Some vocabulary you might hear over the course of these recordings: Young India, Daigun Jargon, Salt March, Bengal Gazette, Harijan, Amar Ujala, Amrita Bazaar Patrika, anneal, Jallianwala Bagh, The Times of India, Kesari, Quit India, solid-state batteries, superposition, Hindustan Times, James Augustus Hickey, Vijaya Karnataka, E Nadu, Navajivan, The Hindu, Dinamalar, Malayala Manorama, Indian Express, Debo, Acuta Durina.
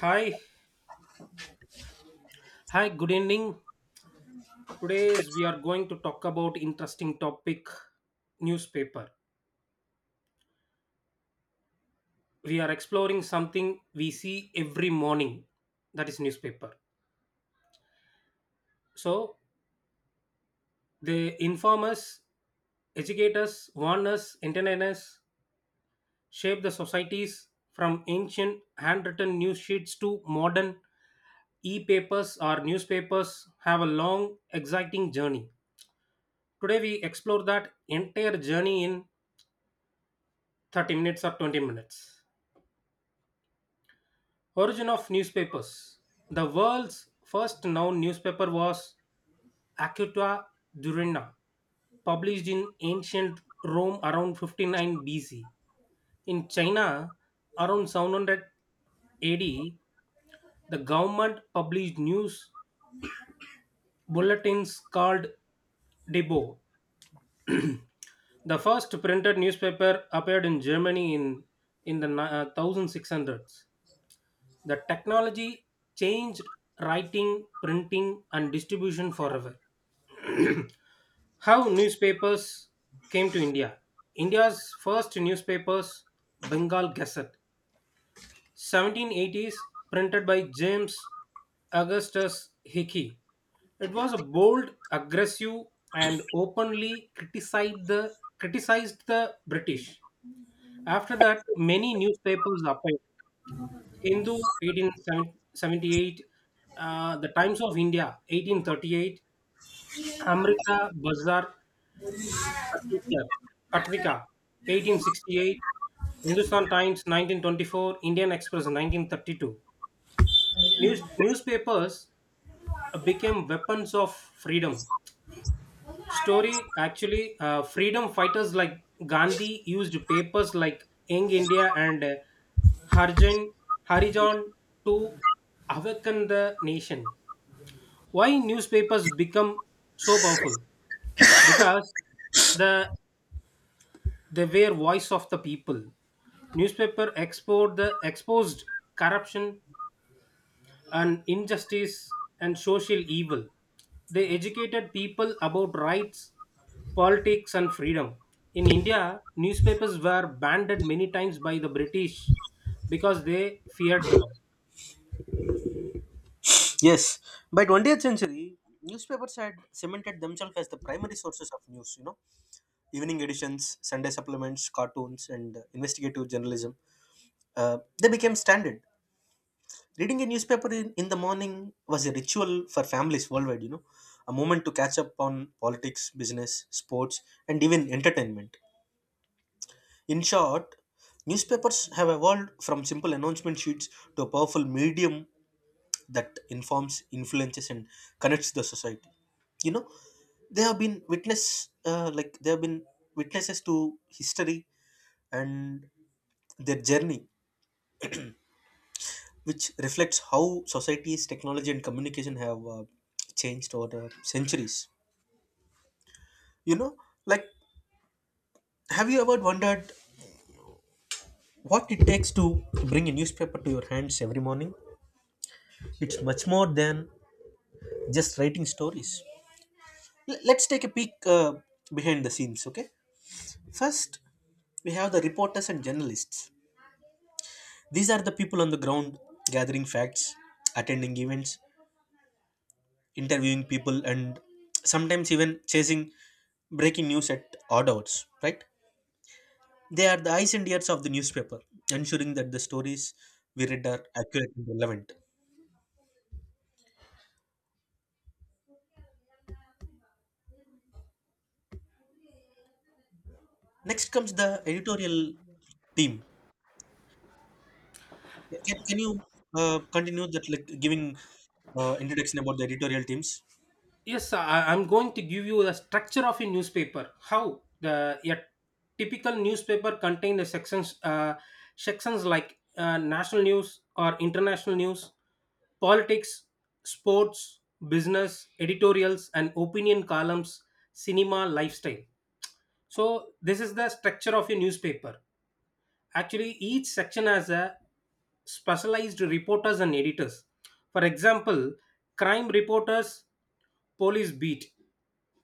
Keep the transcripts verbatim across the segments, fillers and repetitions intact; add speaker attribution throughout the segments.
Speaker 1: Hi, hi, good evening. Today is we are going to talk about interesting topic newspaper. We are exploring something we see every morning, that is newspaper. So they inform us, educate us, warn us, entertain us, shape the societies from ancient handwritten news sheets to modern e-papers or newspapers have a long exciting journey. Today we explore that entire journey in thirty minutes or twenty minutes. Origin of newspapers. The world's first known newspaper was Acuta Durina, published in ancient Rome around fifty nine B C. In China, around seven hundred A D, the government published news bulletins called Debo. The first printed newspaper appeared in Germany in, in the ni- uh, sixteen hundreds. The technology changed writing, printing, and distribution forever. How newspapers came to India. India's first newspapers, Bengal Gazette, seventeen eighties, printed by James Augustus Hickey. It was a bold, aggressive, and openly criticized the criticized the British. After that, many newspapers appeared. Hindu eighteen seventy-eight, uh, The Times of India eighteen thirty-eight, Amrita Bazaar, Patrika, Patrika eighteen sixty-eight, Hindustan Times nineteen twenty-four, Indian Express nineteen thirty-two. News, newspapers uh, became weapons of freedom. Story actually, uh, freedom fighters like Gandhi used papers like Young India and uh, Harjan, Harijan to awaken the nation. Why newspapers become so powerful? Because the they were voice of the people. Newspaper export the exposed corruption and injustice and social evil. They educated people about rights, politics, and freedom. In India, newspapers were banned many times by the British because they feared them.
Speaker 2: Yes, by twentieth century, newspapers had cemented themselves as the primary sources of news. You know, evening editions, Sunday supplements, cartoons, and uh, investigative journalism. Uh, they became standard. Reading a newspaper in, in the morning was a ritual for families worldwide. You know, a moment to catch up on politics, business, sports, and even entertainment. In short, newspapers have evolved from simple announcement sheets to a powerful medium that informs influences and connects the society. you know they have been witness uh, like they have been witnesses to history, and their journey which reflects how societies technology and communication have uh, changed over the centuries. you know like have you ever wondered what it takes to bring a newspaper to your hands every morning? It's much more than just writing stories. L- let's take a peek uh, behind the scenes, okay? First, we have the reporters and journalists. These are the people on the ground, gathering facts, attending events, interviewing people, and sometimes even chasing breaking news at odd hours, right? They are the eyes and ears of the newspaper, ensuring that the stories we read are accurate and relevant. Next comes the editorial team. Can, can you uh, continue that, like giving uh, introduction about the editorial teams?
Speaker 1: Yes, I, I'm going to give you the structure of a newspaper. How the a typical newspaper contain the sections, uh, sections like uh, national news or international news, politics, sports, business, editorials, and opinion columns, cinema, lifestyle. So this is the structure of a newspaper. Actually, each section has a specialized reporters and editors. For example, crime reporters, police beat,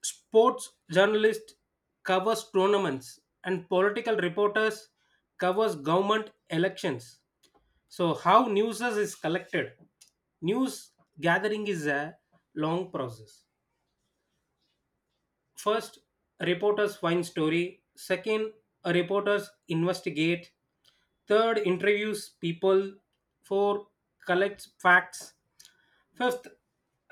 Speaker 1: sports journalists covers tournaments, and political reporters covers government elections. So how news is collected. News gathering is a long process. First, reporters find story. Second, reporters investigate. Third, interviews people. Four, collects facts. Fifth,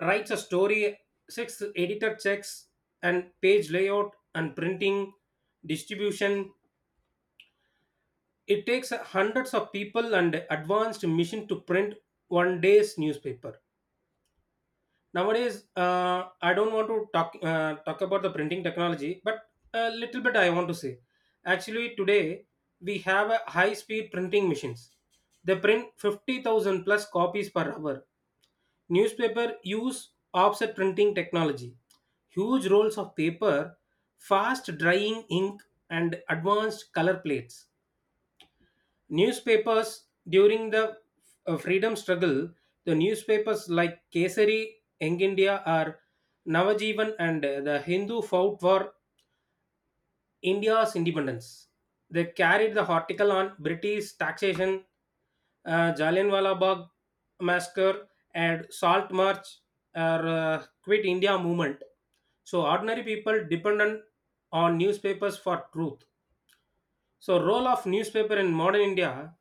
Speaker 1: writes a story. Sixth, editor checks and page layout and printing distribution. It takes hundreds of people and advanced machine to print one day's newspaper. Nowadays, uh, I don't want to talk uh, talk about the printing technology, but a little bit I want to say. Actually, today we have a high-speed printing machines. They print fifty thousand plus copies per hour. Newspaper use offset printing technology, huge rolls of paper, fast drying ink, and advanced color plates. Newspapers during the uh, freedom struggle, the newspapers like Kesari, Young India, or Navajivan and uh, the Hindu fought for India's independence. They carried the article on British taxation, uh, Jallianwala Bagh massacre, and Salt March or uh, Quit India movement. So ordinary people dependent on newspapers for truth. So role of newspaper in modern India,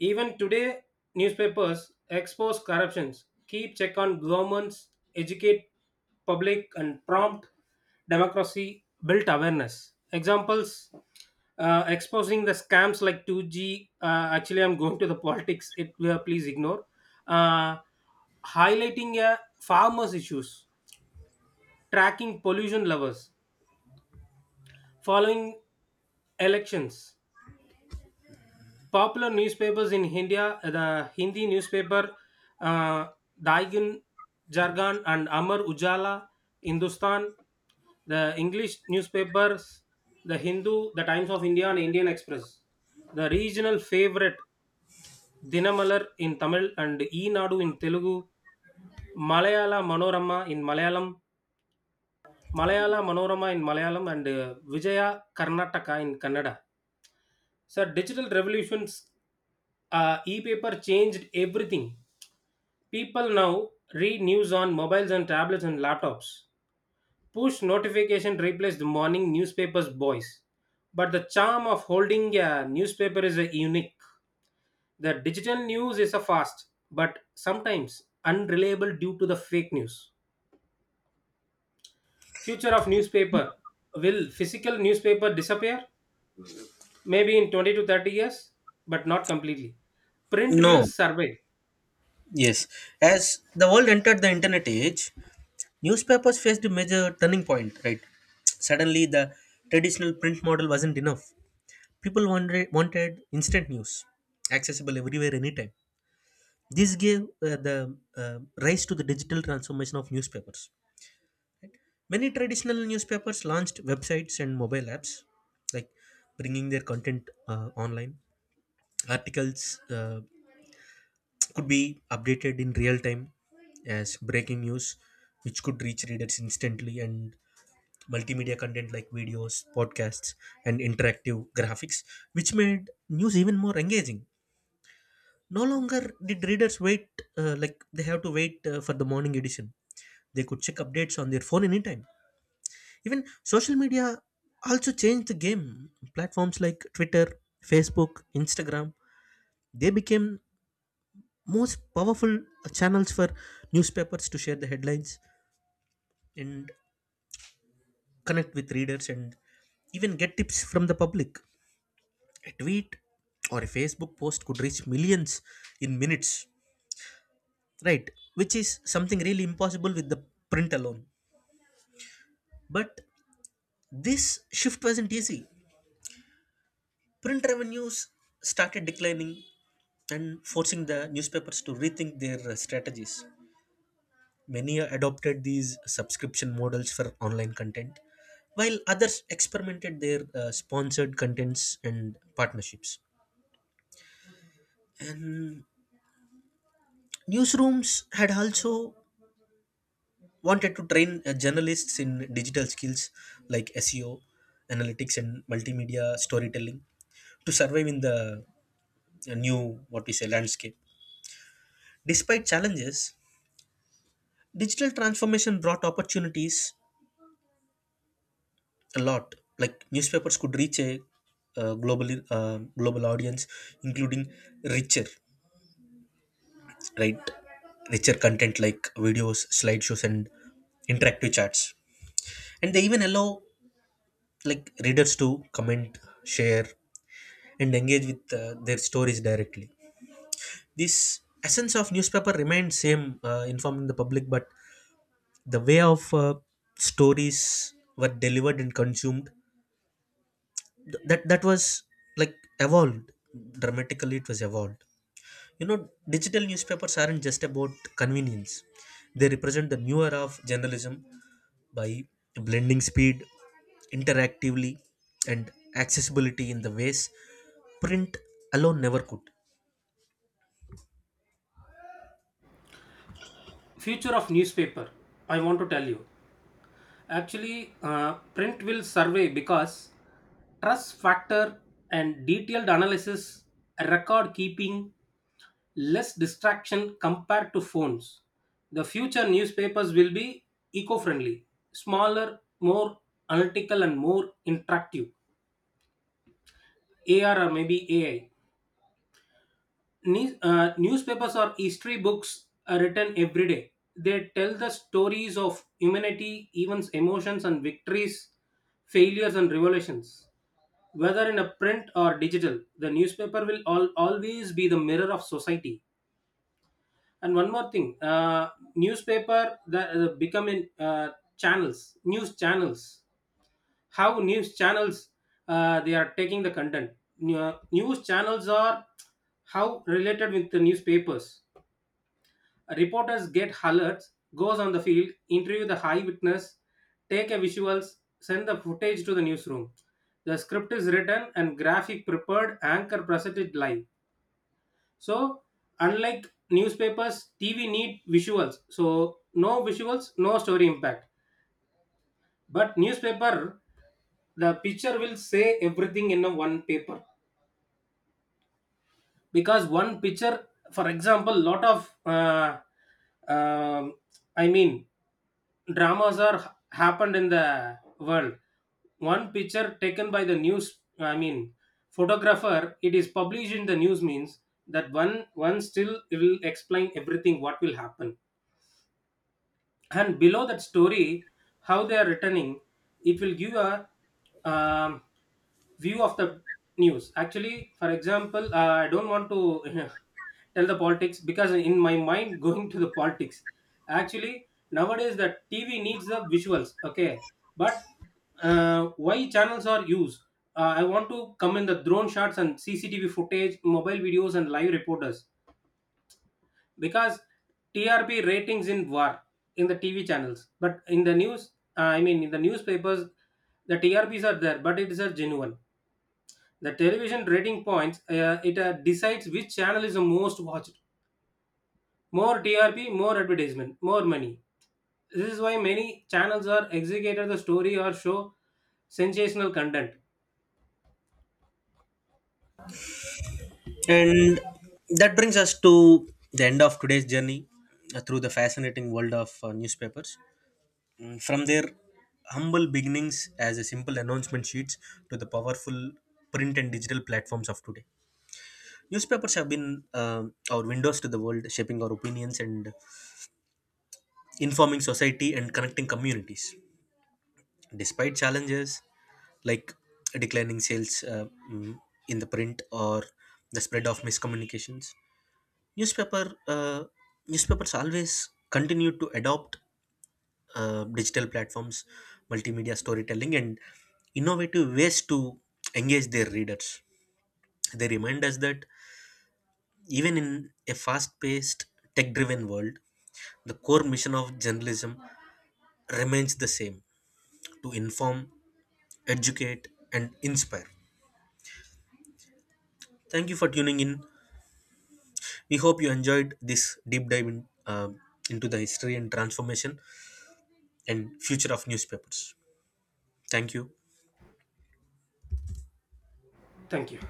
Speaker 1: even today newspapers expose corruptions, keep check on governments, educate public and prompt democracy, build awareness. Examples, uh, exposing the scams like two G. Uh, actually, I'm going to the politics. It uh, please ignore. Uh, Highlighting uh, farmers' issues, tracking pollution levels, following elections. Popular newspapers in India, uh, the Hindi newspaper, uh, Daigun Jargon and Amar Ujala, Hindustan, the English newspapers, the Hindu, the Times of India, and Indian Express. The regional favorite Dinamalar in Tamil and E Nadu in Telugu, Malayala Manorama in Malayalam, Malayala Manorama in Malayalam, and uh, Vijaya Karnataka in Kannada. So, digital revolutions, uh, e-paper changed everything. People now read news on mobiles and tablets and laptops. Push notification replaced the morning newspaper's boys. But the charm of holding a newspaper is a unique. The digital news is a fast, but sometimes unreliable due to the fake news. Future of newspaper. Will physical newspaper disappear? Maybe in twenty to thirty years, but not completely. Print will
Speaker 2: No.
Speaker 1: survive.
Speaker 2: Yes. As the world entered the internet age, newspapers faced a major turning point, right? Suddenly, the traditional print model wasn't enough. People wanted, wanted instant news, accessible everywhere, anytime. This gave uh, the uh, rise to the digital transformation of newspapers, right? Many traditional newspapers launched websites and mobile apps, like bringing their content uh, online. Articles uh, could be updated in real time as breaking news, which could reach readers instantly, and multimedia content like videos, podcasts, and interactive graphics, which made news even more engaging. No longer did readers wait, uh, like they have to wait uh, for the morning edition. They could check updates on their phone anytime. Even social media also changed the game. Platforms like Twitter, Facebook, Instagram, they became most powerful channels for newspapers to share the headlines and connect with readers and even get tips from the public. A tweet or a Facebook post could reach millions in minutes, right? Which is something really impossible with the print alone. But this shift wasn't easy. Print revenues started declining, and forcing the newspapers to rethink their uh, strategies. Many adopted these subscription models for online content, while others experimented their uh, sponsored contents and partnerships. And newsrooms had also wanted to train uh, journalists in digital skills like S E O, analytics, and multimedia storytelling to survive in the uh, new, what we say, landscape. Despite challenges, digital transformation brought opportunities a lot. Like newspapers could reach a uh, global uh, global audience, including richer, right, richer content like videos, slideshows, and interactive charts. And they even allow like readers to comment, share, and engage with uh, their stories directly. This essence of newspaper remained same, uh, informing the public, but the way of uh, stories were delivered and consumed th- that that was like evolved dramatically. It was evolved. You know, digital newspapers aren't just about convenience; they represent the new era of journalism by blending speed, interactively, and accessibility in the ways print alone never could.
Speaker 1: Future of newspaper. I want to tell you. Actually, uh, print will survey because trust factor and detailed analysis, record keeping, less distraction compared to phones. The future newspapers will be eco friendly, smaller, more analytical, and more interactive. A R or maybe A I. Ne- uh, newspapers or history books are written every day. They tell the stories of humanity, events, emotions, and victories, failures, and revolutions. Whether in a print or digital, the newspaper will al- always be the mirror of society. And one more thing, uh, newspaper that uh, become in uh, channels, news channels. How news channels uh, they are taking the content. New- uh, news channels are how related with the newspapers. Reporters get alerts, goes on the field, interview the eyewitness, take a visuals, send the footage to the newsroom. The script is written and graphic prepared, anchor presented live. So unlike newspapers, T V need visuals. So no visuals, no story impact. But newspaper, the picture will say everything in a one paper, because one picture, for example, lot of uh, um I mean dramas are ha- happened in the world. One picture taken by the news I mean photographer, it is published in the news means that one one still will explain everything what will happen. And below that story, how they are returning, it will give a um, view of the news. Actually, for example, uh, I don't want to tell the politics because in my mind going to the politics. Actually nowadays the TV needs the visuals, okay. But uh, why channels are used, uh, I want to come in the drone shots and cctv footage, mobile videos and live reporters. Because T R P ratings in war in the T V channels, but in the news, uh, I mean in the newspapers, the T R Ps are there, but it is a genuine. The television rating points uh, it uh, decides which channel is the most watched. More T R P, more advertisement, more money. This is why many channels are executed the story or show sensational content.
Speaker 2: And that brings us to the end of today's journey uh, through the fascinating world of uh, newspapers. Mm, From their humble beginnings as a simple announcement sheets to the powerful print and digital platforms of today. Newspapers have been um our windows to the world, shaping our opinions and informing society and connecting communities. Despite challenges like declining sales, uh, mm, in the print or the spread of miscommunications, newspaper uh, newspapers always continue to adopt uh, digital platforms, multimedia storytelling, and innovative ways to engage their readers. They remind us that even in a fast paced, tech driven world, the core mission of journalism remains the same: to inform, educate, and inspire. Thank you for tuning in. We hope you enjoyed this deep dive in, uh, into the history and transformation and future of newspapers. Thank you.
Speaker 1: Thank you.